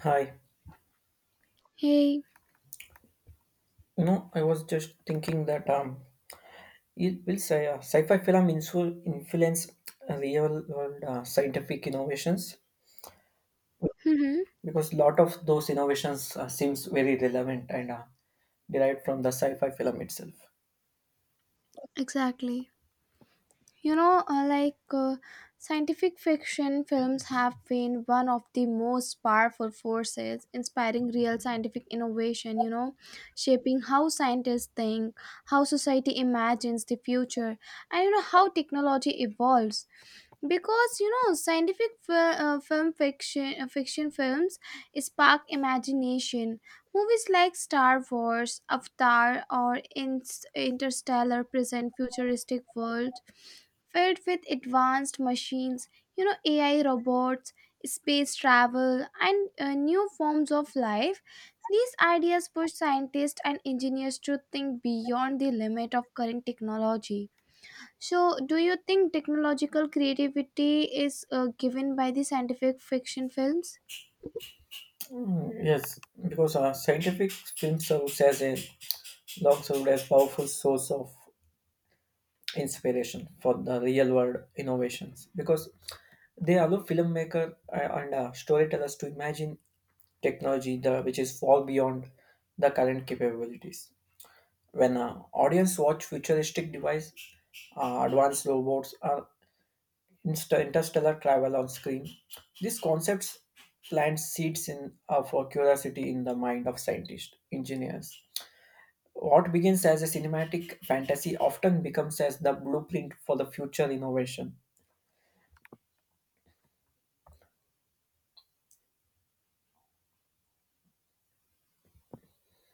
Hi, Hey, I was just thinking that it will say sci-fi film influence real-world scientific innovations mm-hmm, because a lot of those innovations seems very relevant and derived from the sci-fi film itself. exactly. You know, like scientific fiction films have been one of the most powerful forces inspiring real scientific innovation, you know, shaping how scientists think, how society imagines the future, and you know, how technology evolves. Because you know scientific fi- film fiction fiction films spark imagination. Movies like Star Wars, Avatar, or Interstellar present futuristic world filled with advanced machines, you know, AI robots, space travel, and new forms of life. These ideas push scientists and engineers to think beyond the limit of current technology. So, do you think technological creativity is given by the scientific fiction films? Mm, yes, because scientific film serves as a long served as powerful source of inspiration for the real-world innovations because they allow filmmaker and storytellers to imagine technology the, which is far beyond the current capabilities. When audience watch futuristic devices, advanced robots, or interstellar travel on screen, these concepts plant seeds in for curiosity in the mind of scientists, engineers. What begins as a cinematic fantasy often becomes as the blueprint for the future innovation.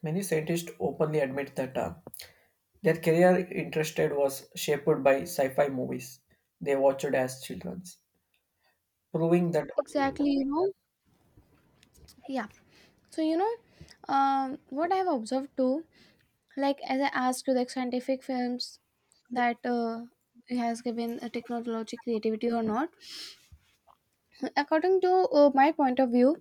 Many scientists openly admit that their career interested was shaped by sci-fi movies they watched as children, proving that, Exactly, you know. Yeah. So, you know, what I've observed too, like as I asked you, like scientific films that has given a technology creativity or not. According to my point of view,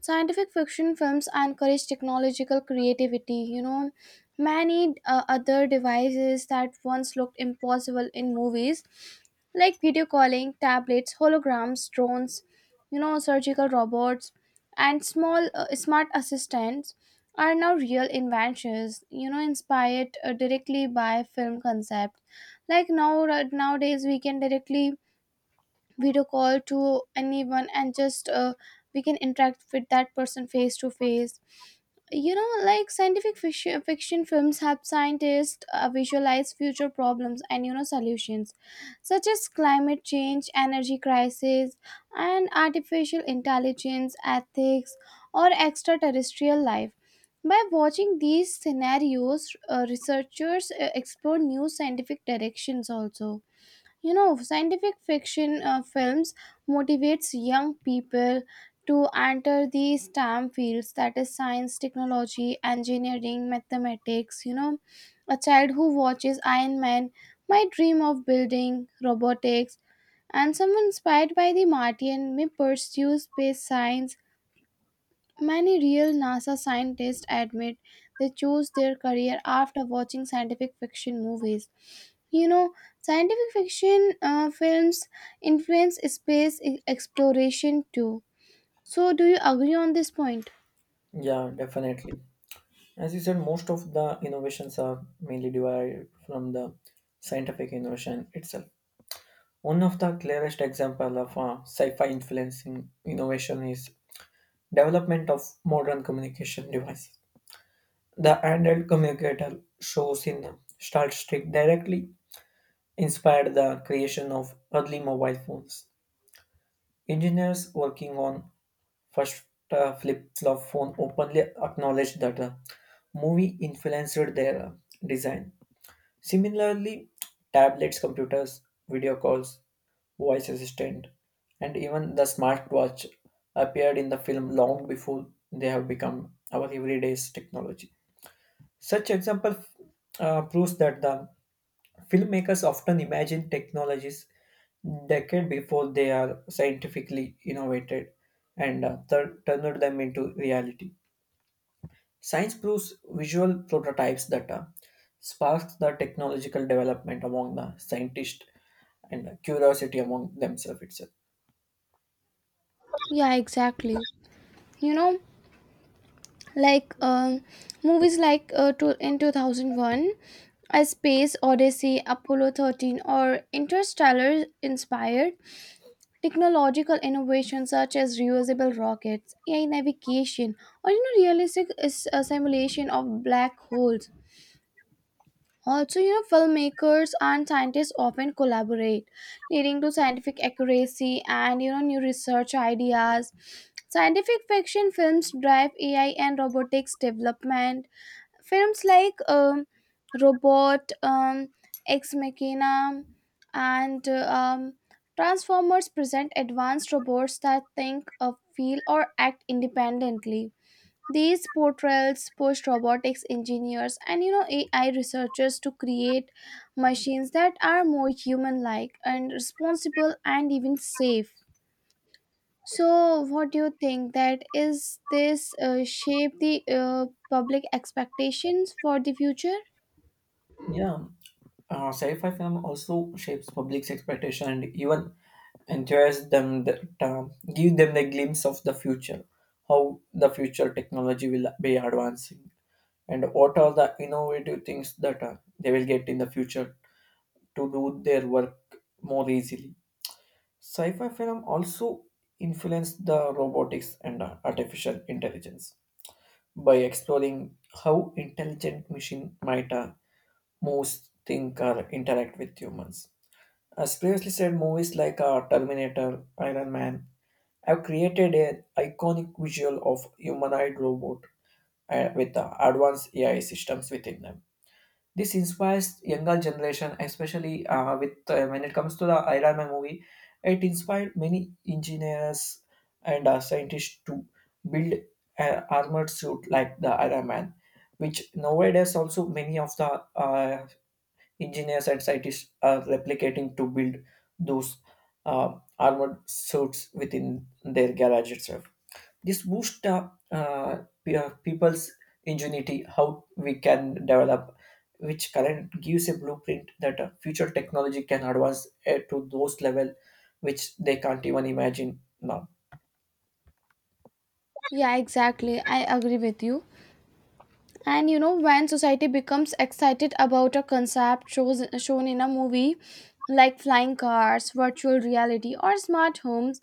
scientific fiction films encourage technological creativity, you know, many other devices that once looked impossible in movies, like video calling, tablets, holograms, drones, you know, surgical robots, and small smart assistants are now real inventions, you know, inspired directly by film concept. Like now right, nowadays we can directly video call to anyone and just we can interact with that person face to face. You know, like scientific fiction films help scientists visualize future problems and you know solutions such as climate change, energy crisis, and artificial intelligence ethics, or extraterrestrial life. By watching these scenarios, researchers explore new scientific directions also. You know, scientific fiction films motivates young people to enter the stem fields, that is science, technology, engineering, mathematics, you know. A child who watches Iron Man might dream of building robotics, and someone inspired by The Martian may pursue space science. Many real nasa scientists admit they chose their career after watching scientific fiction movies, you know. Scientific fiction films influence space exploration too. So do you agree on this point? yeah, definitely. As you said, most of the innovations are mainly derived from the scientific innovation itself. One of the clearest example of sci-fi influencing innovation is development of modern communication devices. The handheld communicator shows in Star Trek directly inspired the creation of early mobile phones. Engineers working on first flip-flop phone openly acknowledged that movie influenced their design. Similarly, tablets, computers, video calls, voice assistant, and even the smartwatch appeared in the film long before they have become our everyday technology. Such example proves that the filmmakers often imagine technologies decade before they are scientifically innovated and turned them into reality. Science proves visual prototypes that sparks the technological development among the scientists and the curiosity among themselves itself. Yeah, exactly, you know. Like movies like in 2001 A Space Odyssey, Apollo 13, or Interstellar inspired technological innovations such as reusable rockets, AI navigation, or you know realistic is a simulation of black holes. Also, you know, filmmakers and scientists often collaborate, leading to scientific accuracy and you know new research ideas. Scientific fiction films drive AI and robotics development. Films like Robot, Ex Machina, and Transformers present advanced robots that think, feel, or act independently. These portrayals pushed robotics engineers and you know AI researchers to create machines that are more human-like and responsible and even safe. So, what do you think that is this shape the public expectations for the future? Yeah, sci-fi film also shapes public's expectation and even entures them that give them the glimpse of the future, how the future technology will be advancing, and what are the innovative things that they will get in the future to do their work more easily. Sci-fi film also influenced the robotics and artificial intelligence by exploring how intelligent machine might most think or interact with humans. As previously said, movies like Terminator, Iron Man have created an iconic visual of humanoid robot with advanced AI systems within them. This inspires younger generation, especially with when it comes to the Iron Man movie. It inspired many engineers and scientists to build an armored suit like the Iron Man, which nowadays also many of the engineers and scientists are replicating to build those uh, armored suits within their garage itself. This boosts people's ingenuity, how we can develop, which current gives a blueprint that future technology can advance to those level which they can't even imagine now. Yeah, exactly. I agree with you. And you know, when society becomes excited about a concept shown in a movie like flying cars, virtual reality, or smart homes,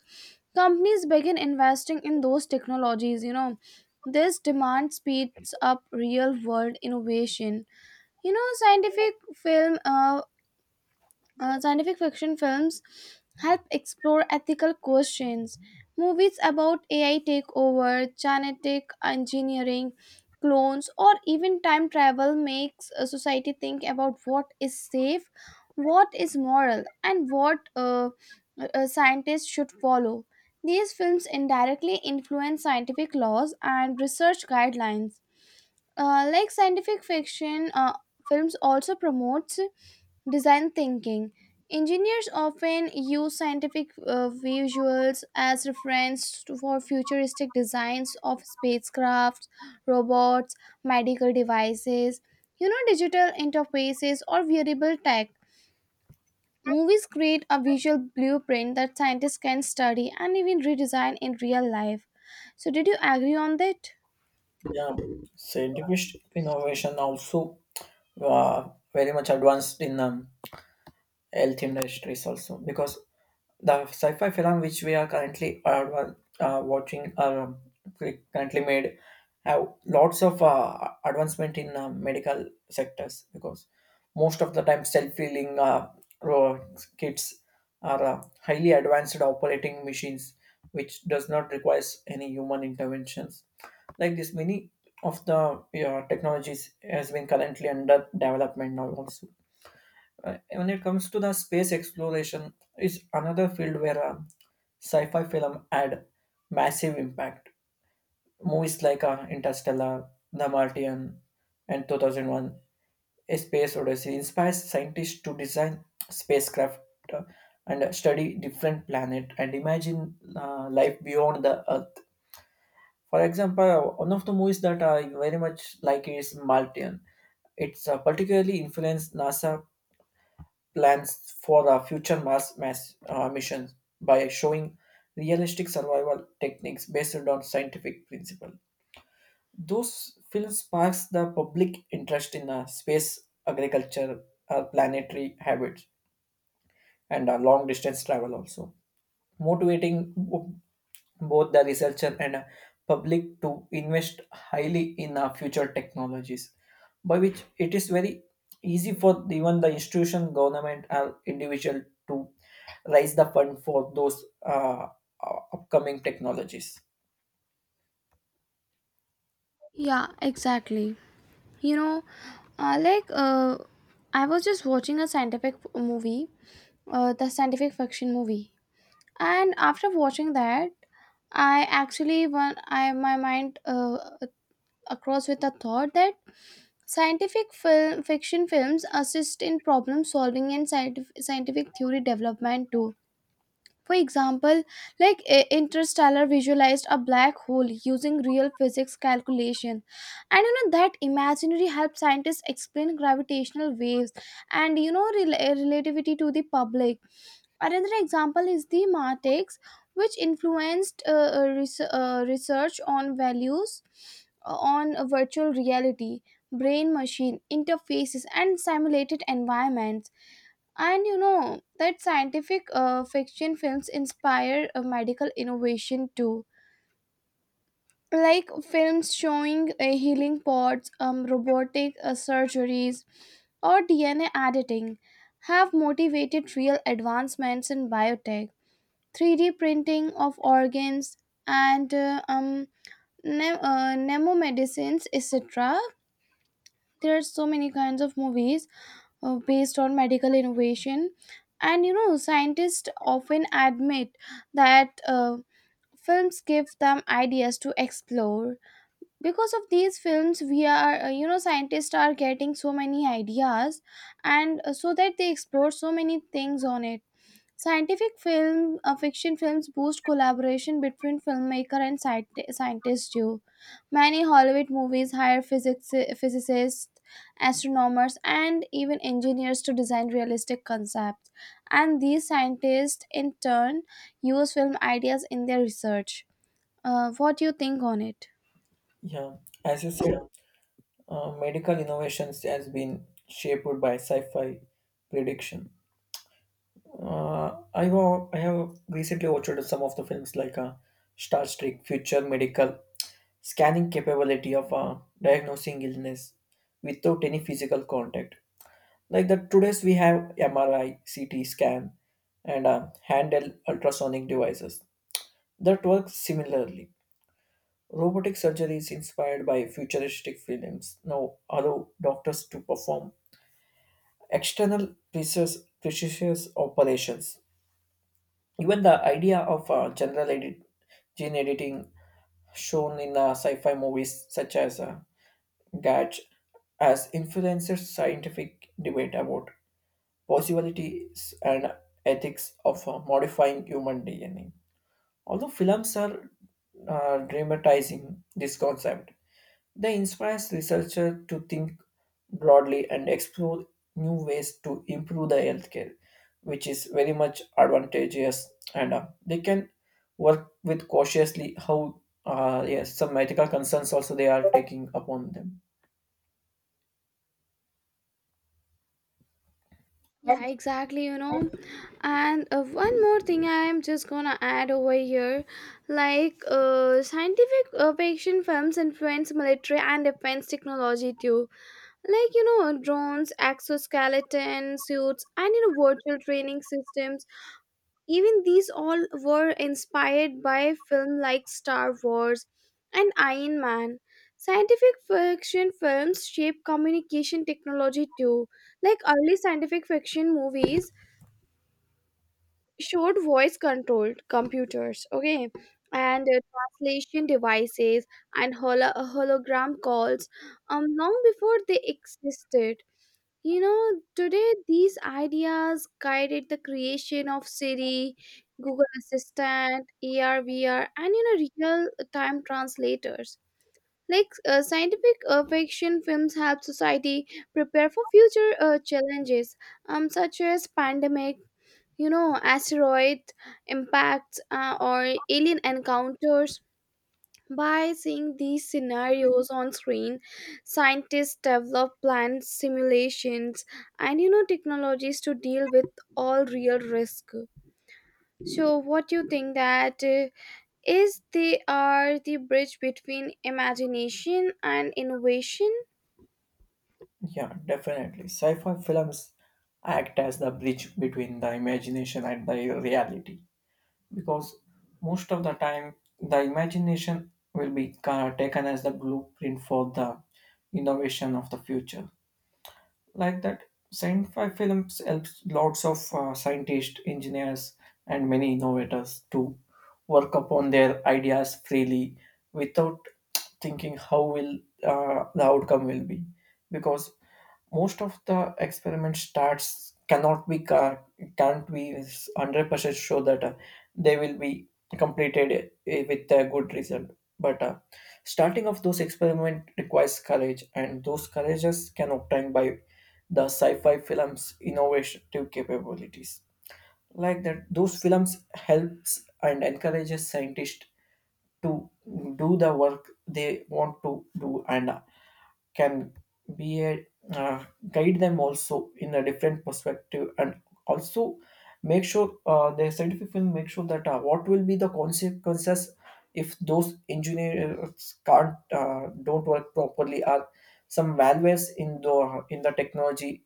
companies begin investing in those technologies. You know, this demand speeds up real world innovation. You know, film uh, scientific fiction films help explore ethical questions. Movies about AI takeover, genetic engineering, clones, or even time travel makes a society think about what is safe, what is moral, and what scientists should follow. These films indirectly influence scientific laws and research guidelines. Like scientific fiction films also promotes design thinking. Engineers often use scientific visuals as reference for futuristic designs of spacecraft, robots, medical devices, you know, digital interfaces, or wearable tech. Movies create a visual blueprint that scientists can study and even redesign in real life. So did you agree on that? Yeah, scientific innovation also very much advanced in health industries also because the sci-fi film which we are currently watching currently made have lots of advancement in medical sectors because most of the time self-healing ro- kits are highly advanced operating machines which does not requires any human interventions like this many of the technologies has been currently under development now also. When it comes to the space exploration, is another field where sci-fi film had massive impact. Movies like Interstellar, The Martian, and 2001: A Space Odyssey inspires scientists to design spacecraft uh, and study different planet and imagine life beyond the Earth. For example, one of the movies that I very much like is Martian. It's particularly influenced NASA plans for the future Mars missions by showing realistic survival techniques based on scientific principle. Those films sparks the public interest in space, agriculture, planetary habits, and long distance travel also motivating both the researcher and public to invest highly in future technologies by which it is very easy for even the institution government or individual to raise the fund for those upcoming technologies. Yeah, exactly, you know. uh, like uh, I was just watching a scientific movie, the scientific fiction movie, and after watching that I actually won I my mind across with the thought that scientific fiction films assist in problem solving and scientific theory development too. For example, like Interstellar visualized a black hole using real physics calculation. And you know that imaginary helped scientists explain gravitational waves and you know relativity to the public. Another example is The Matrix, which influenced research on values on virtual reality, brain machine interfaces, and simulated environments. And you know that scientific fiction films inspire medical innovation too. Like films showing healing pods, robotic surgeries, or DNA editing have motivated real advancements in biotech. 3D printing of organs and nemo medicines, etc. There are so many kinds of movies based on medical innovation. And you know, scientists often admit that films give them ideas to explore. Because of these films, we are, you know, scientists are getting so many ideas, and so that they explore so many things on it. Scientific fiction films boost collaboration between filmmaker and scientists too. Many Hollywood movies hire physicists, astronomers, and even engineers to design realistic concepts. And these scientists, in turn, use film ideas in their research. What do you think on it? Yeah, as you said, medical innovations has been shaped by sci-fi prediction. I have recently watched some of the films like Star Trek, Future Medical, scanning capability of diagnosing illness without any physical contact. Like that, today's we have MRI, CT scan, and handheld ultrasonic devices that work similarly. Robotic surgery is inspired by futuristic films. Now allow doctors to perform external precious operations. Even the idea of gene editing shown in sci-fi movies such as Gatch has influenced scientific debate about possibilities and ethics of modifying human DNA. Although films are dramatizing this concept, they inspire researchers to think broadly and explore new ways to improve the healthcare, which is very much advantageous. And they can work with cautiously how yes, some ethical concerns also they are taking upon them. Yeah, exactly. You. Yeah. Know. And one more thing I am just gonna add over here, like scientific fiction films influence military and defense technology too. Like, you know, drones, exoskeleton suits, and you know, virtual training systems. Even these all were inspired by film like Star Wars and Iron Man. Scientific fiction films shape communication technology too. Like early scientific fiction movies showed voice controlled computers, okay, and translation devices, and hologram calls, um, long before they existed. You know, today these ideas guided the creation of Siri, Google Assistant, ARVR, and you know real time translators. Like scientific fiction films help society prepare for future challenges, such as pandemic, you know, asteroid impacts, or alien encounters. By seeing these scenarios on screen, scientists develop planned simulations and you know technologies to deal with all real risk. So what you think that is they are the bridge between imagination and innovation? Yeah, definitely. Sci-fi films act as the bridge between the imagination and the reality, because most of the time the imagination will be taken as the blueprint for the innovation of the future. Like that, sci-fi films helps lots of scientists engineers and many innovators to work upon their ideas freely without thinking how will the outcome will be, because most of the experiment starts cannot be can't be 100% sure that they will be completed with a good result. But starting of those experiment requires courage and those courages can obtain by the sci-fi films innovative capabilities. Like that, those films helps and encourages scientists to do the work they want to do and can be a uh, guide them also in a different perspective and also make sure the scientific will make sure that what will be the consequences if those engineers can't don't work properly or some malwares in the technology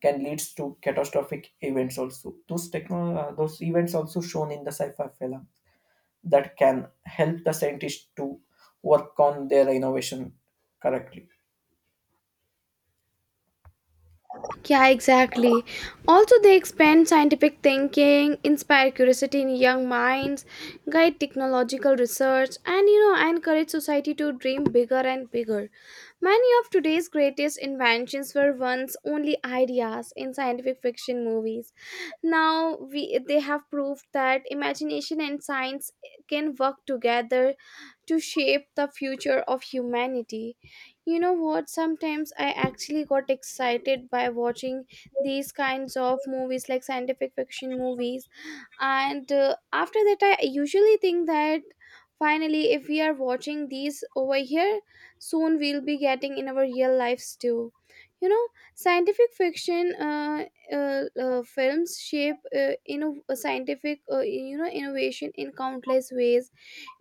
can leads to catastrophic events. Also those those events also shown in the sci-fi film that can help the scientists to work on their innovation correctly. Yeah, exactly. Also, they expand scientific thinking, inspire curiosity in young minds, guide technological research, and you know, encourage society to dream bigger and bigger. Many of today's greatest inventions were once only ideas in scientific fiction movies. Now we they have proved that imagination and science can work together to shape the future of humanity. You know what, sometimes I actually got excited by watching these kinds of movies, like scientific fiction movies. And after that I usually think that finally if we are watching these over here, soon we'll be getting in our real lives too, you know. Scientific fiction films shape scientific, you know, innovation in countless ways,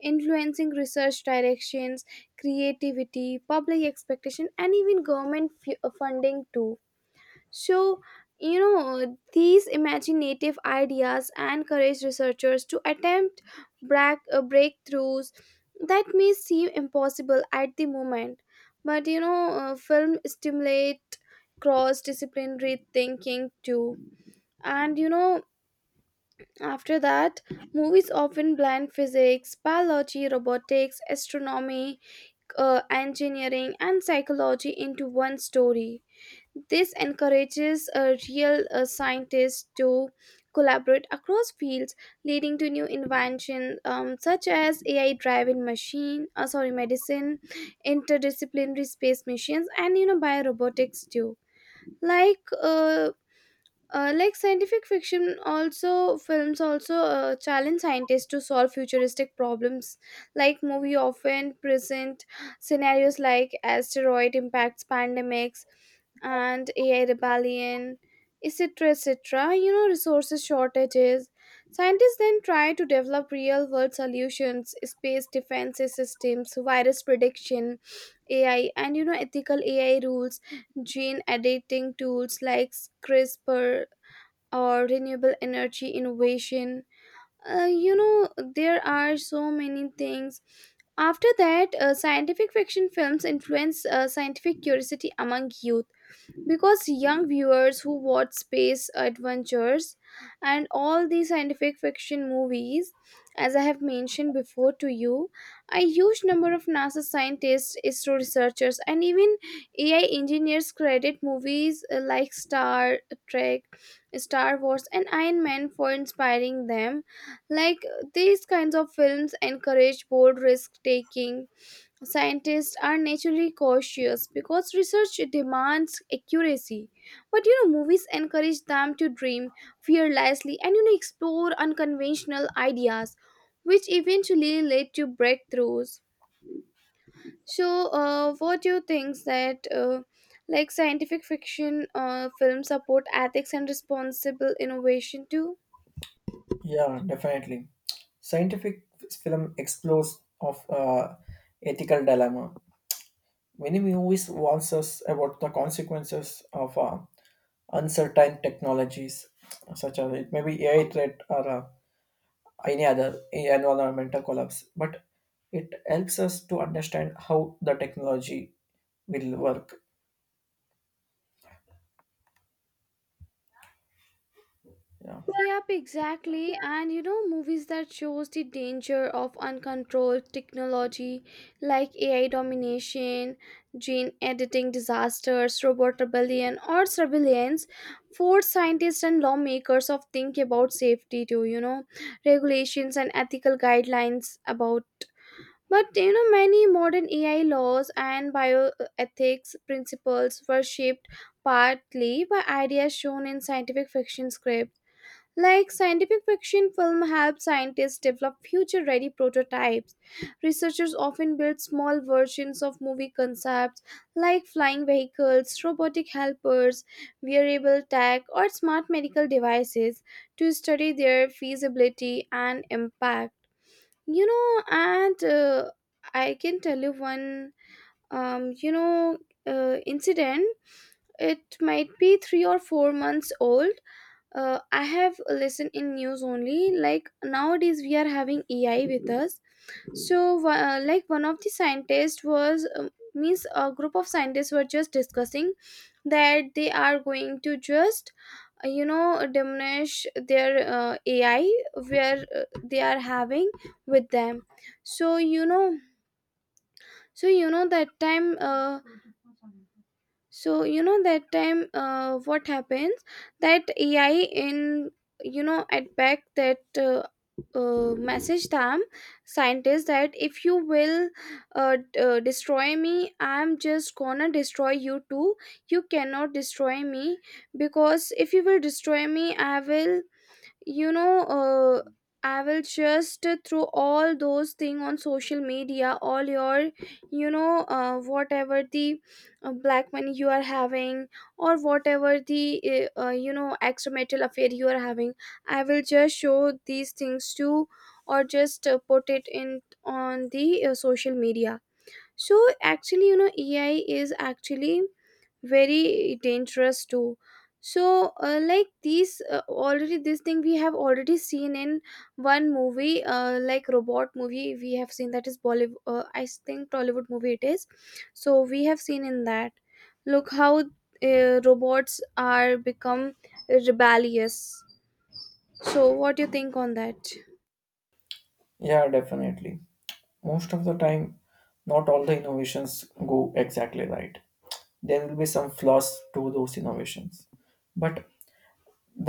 influencing research directions, creativity, public expectation, and even government funding too. So, you know, these imaginative ideas encourage researchers to attempt breakthroughs that may seem impossible at the moment. But, you know, film stimulate cross-disciplinary thinking too. And, you know, after that, movies often blend physics, biology, robotics, astronomy, engineering, and psychology into one story. This encourages real scientists to collaborate across fields, leading to new inventions, such as AI-driven medicine, interdisciplinary space missions, and you know biorobotics too. Like uh, like scientific fiction also films also challenge scientists to solve futuristic problems, like movie often present scenarios like asteroid impacts, pandemics, and AI rebellion, etc., etc., you know, resources shortages. Scientists then try to develop real world solutions, space defense systems, virus prediction, AI, and you know ethical AI rules, gene editing tools like CRISPR, or renewable energy innovation. You know, there are so many things. After that, scientific fiction films influence scientific curiosity among youth, because young viewers who watch space adventures and all the scientific fiction movies, as I have mentioned before to you, a huge number of nasa scientists, isro researchers, and even AI engineers credit movies like Star Trek, Star Wars, and Iron Man for inspiring them. Like these kinds of films encourage bold risk taking. Scientists are naturally cautious because research demands accuracy. But you know, movies encourage them to dream fearlessly and you know, explore unconventional ideas, which eventually lead to breakthroughs. So, what do you think that, like, scientific fiction films support ethics and responsible innovation too? Yeah, definitely. Scientific film explores of ethical dilemma. Many movies warns us about the consequences of uncertain technologies, such as it may be AI threat or any other environmental collapse. But it helps us to understand how the technology will work. Yeah, Yep, exactly. And you know, movies that shows the danger of uncontrolled technology like AI domination, gene editing disasters, robot rebellion, or surveillance force scientists and lawmakers of think about safety too, you know, regulations and ethical guidelines about, but you know many modern AI laws and bioethics principles were shaped partly by ideas shown in scientific fiction scripts. Like scientific fiction film help scientists develop future-ready prototypes. Researchers often build small versions of movie concepts like flying vehicles, robotic helpers, wearable tech, or smart medical devices to study their feasibility and impact. You know, and I can tell you one um, you know, incident. It might be 3 or 4 months old. I have listened in news only. Like nowadays, we are having AI with us. So, like one of the scientists was means a group of scientists were just discussing that they are going to just diminish their AI where they are having with them. So you know, so you know that time. So you know that time, what happens that AI in, you know, at back that, message them scientists that if you will destroy me, I'm just gonna destroy you too. You cannot destroy me, because if you will destroy me, I will, you know uh, I will just throw all those thing on social media, all your, whatever the black money you are having, or whatever the extramarital affair you are having. I will just show these things to, or just put it in on the social media. So actually, you know, AI is actually very dangerous too. So like these, already this thing we have already seen in one movie, like robot movie, we have seen that is Bollywood, I think Tollywood movie it is. So we have seen in that, look how robots are become rebellious. So what do you think on that? yeah, definitely. Most of the time not all the innovations go exactly right. There will be some flaws to those innovations, but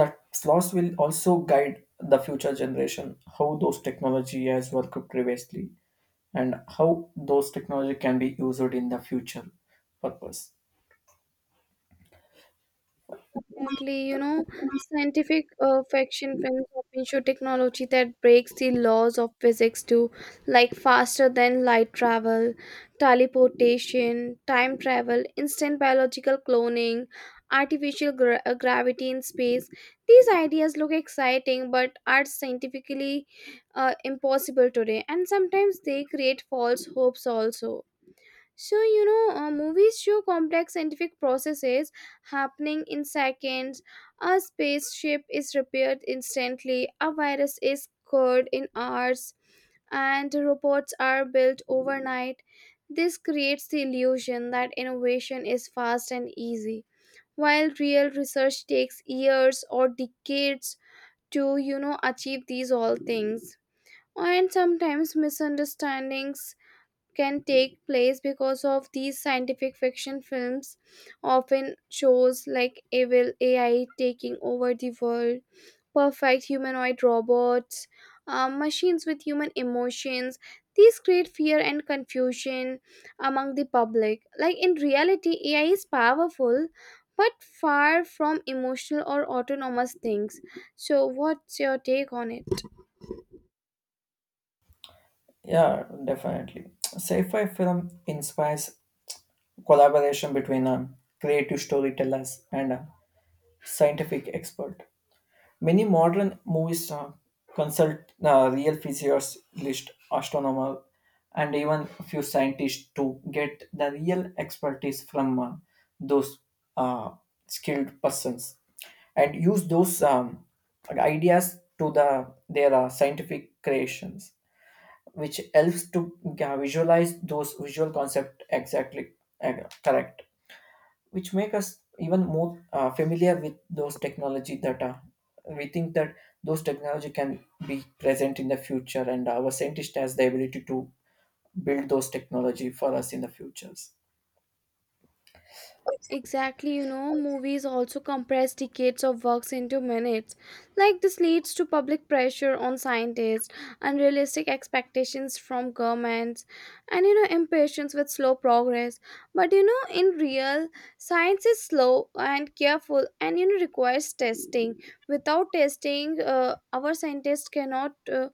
that flaws will also guide the future generation how those technology has worked previously and how those technology can be used in the future purpose. Exactly, you know, scientific fiction films often show technology that breaks the laws of physics too, like faster than light travel, teleportation, time travel, instant biological cloning, artificial gravity in space. These ideas look exciting but are scientifically impossible today, and sometimes they create false hopes also. So, you know, movies show complex scientific processes happening in seconds. A spaceship is repaired instantly, a virus is cured in hours, and robots are built overnight. This creates the illusion that innovation is fast and easy, while real research takes years or decades to, you know, achieve these all things. And sometimes misunderstandings can take place because of these scientific fiction films often shows like evil AI taking over the world, perfect humanoid robots, machines with human emotions. These create fear and confusion among the public. Like in reality, AI is powerful but far from emotional or autonomous things. So, what's your take on it? Yeah, definitely. Sci-fi film inspires collaboration between creative storytellers and a scientific expert. Many modern movies stars consult real physicists, astronomers, and even a few scientists to get the real expertise from those uh, skilled persons and use those ideas to the their scientific creations, which helps to visualize those visual concept exactly uh, correct, which make us even more familiar with those technology that we think that those technology can be present in the future and our scientist has the ability to build those technology for us in the futures. Exactly, you know, movies also compress decades of works into minutes. Like, this leads to public pressure on scientists, unrealistic expectations from governments, and, you know, impatience with slow progress. But you know, in real, science is slow and careful and, you know, requires testing. Without testing, our scientists cannot uh,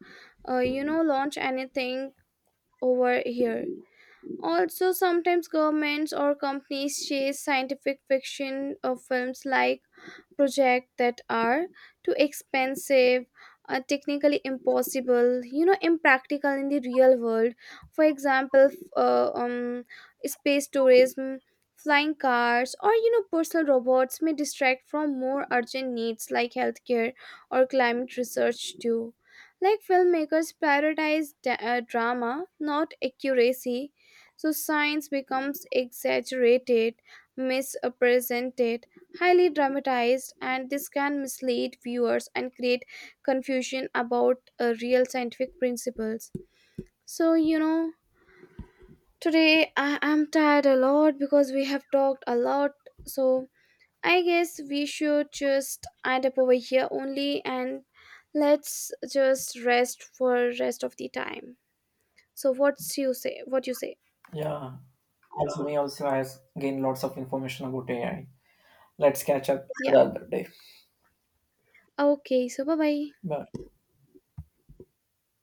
uh, you know, launch anything over here. Also, sometimes governments or companies chase scientific fiction films like projects that are too expensive, technically impossible, you know, impractical in the real world. For example, space tourism, flying cars, or, you know, personal robots may distract from more urgent needs like healthcare or climate research too. Like, filmmakers prioritize drama, not accuracy, so science becomes exaggerated, misrepresented, highly dramatized, and this can mislead viewers and create confusion about real scientific principles. So, you know, today I am tired a lot because we have talked a lot. So, I guess we should just end up over here only, and let's just rest for rest of the time. So, what's you say? What you say? Yeah, also me also has gained lots of information about AI. Let's catch up Yeah. the other day. Okay. So, bye bye. Bye.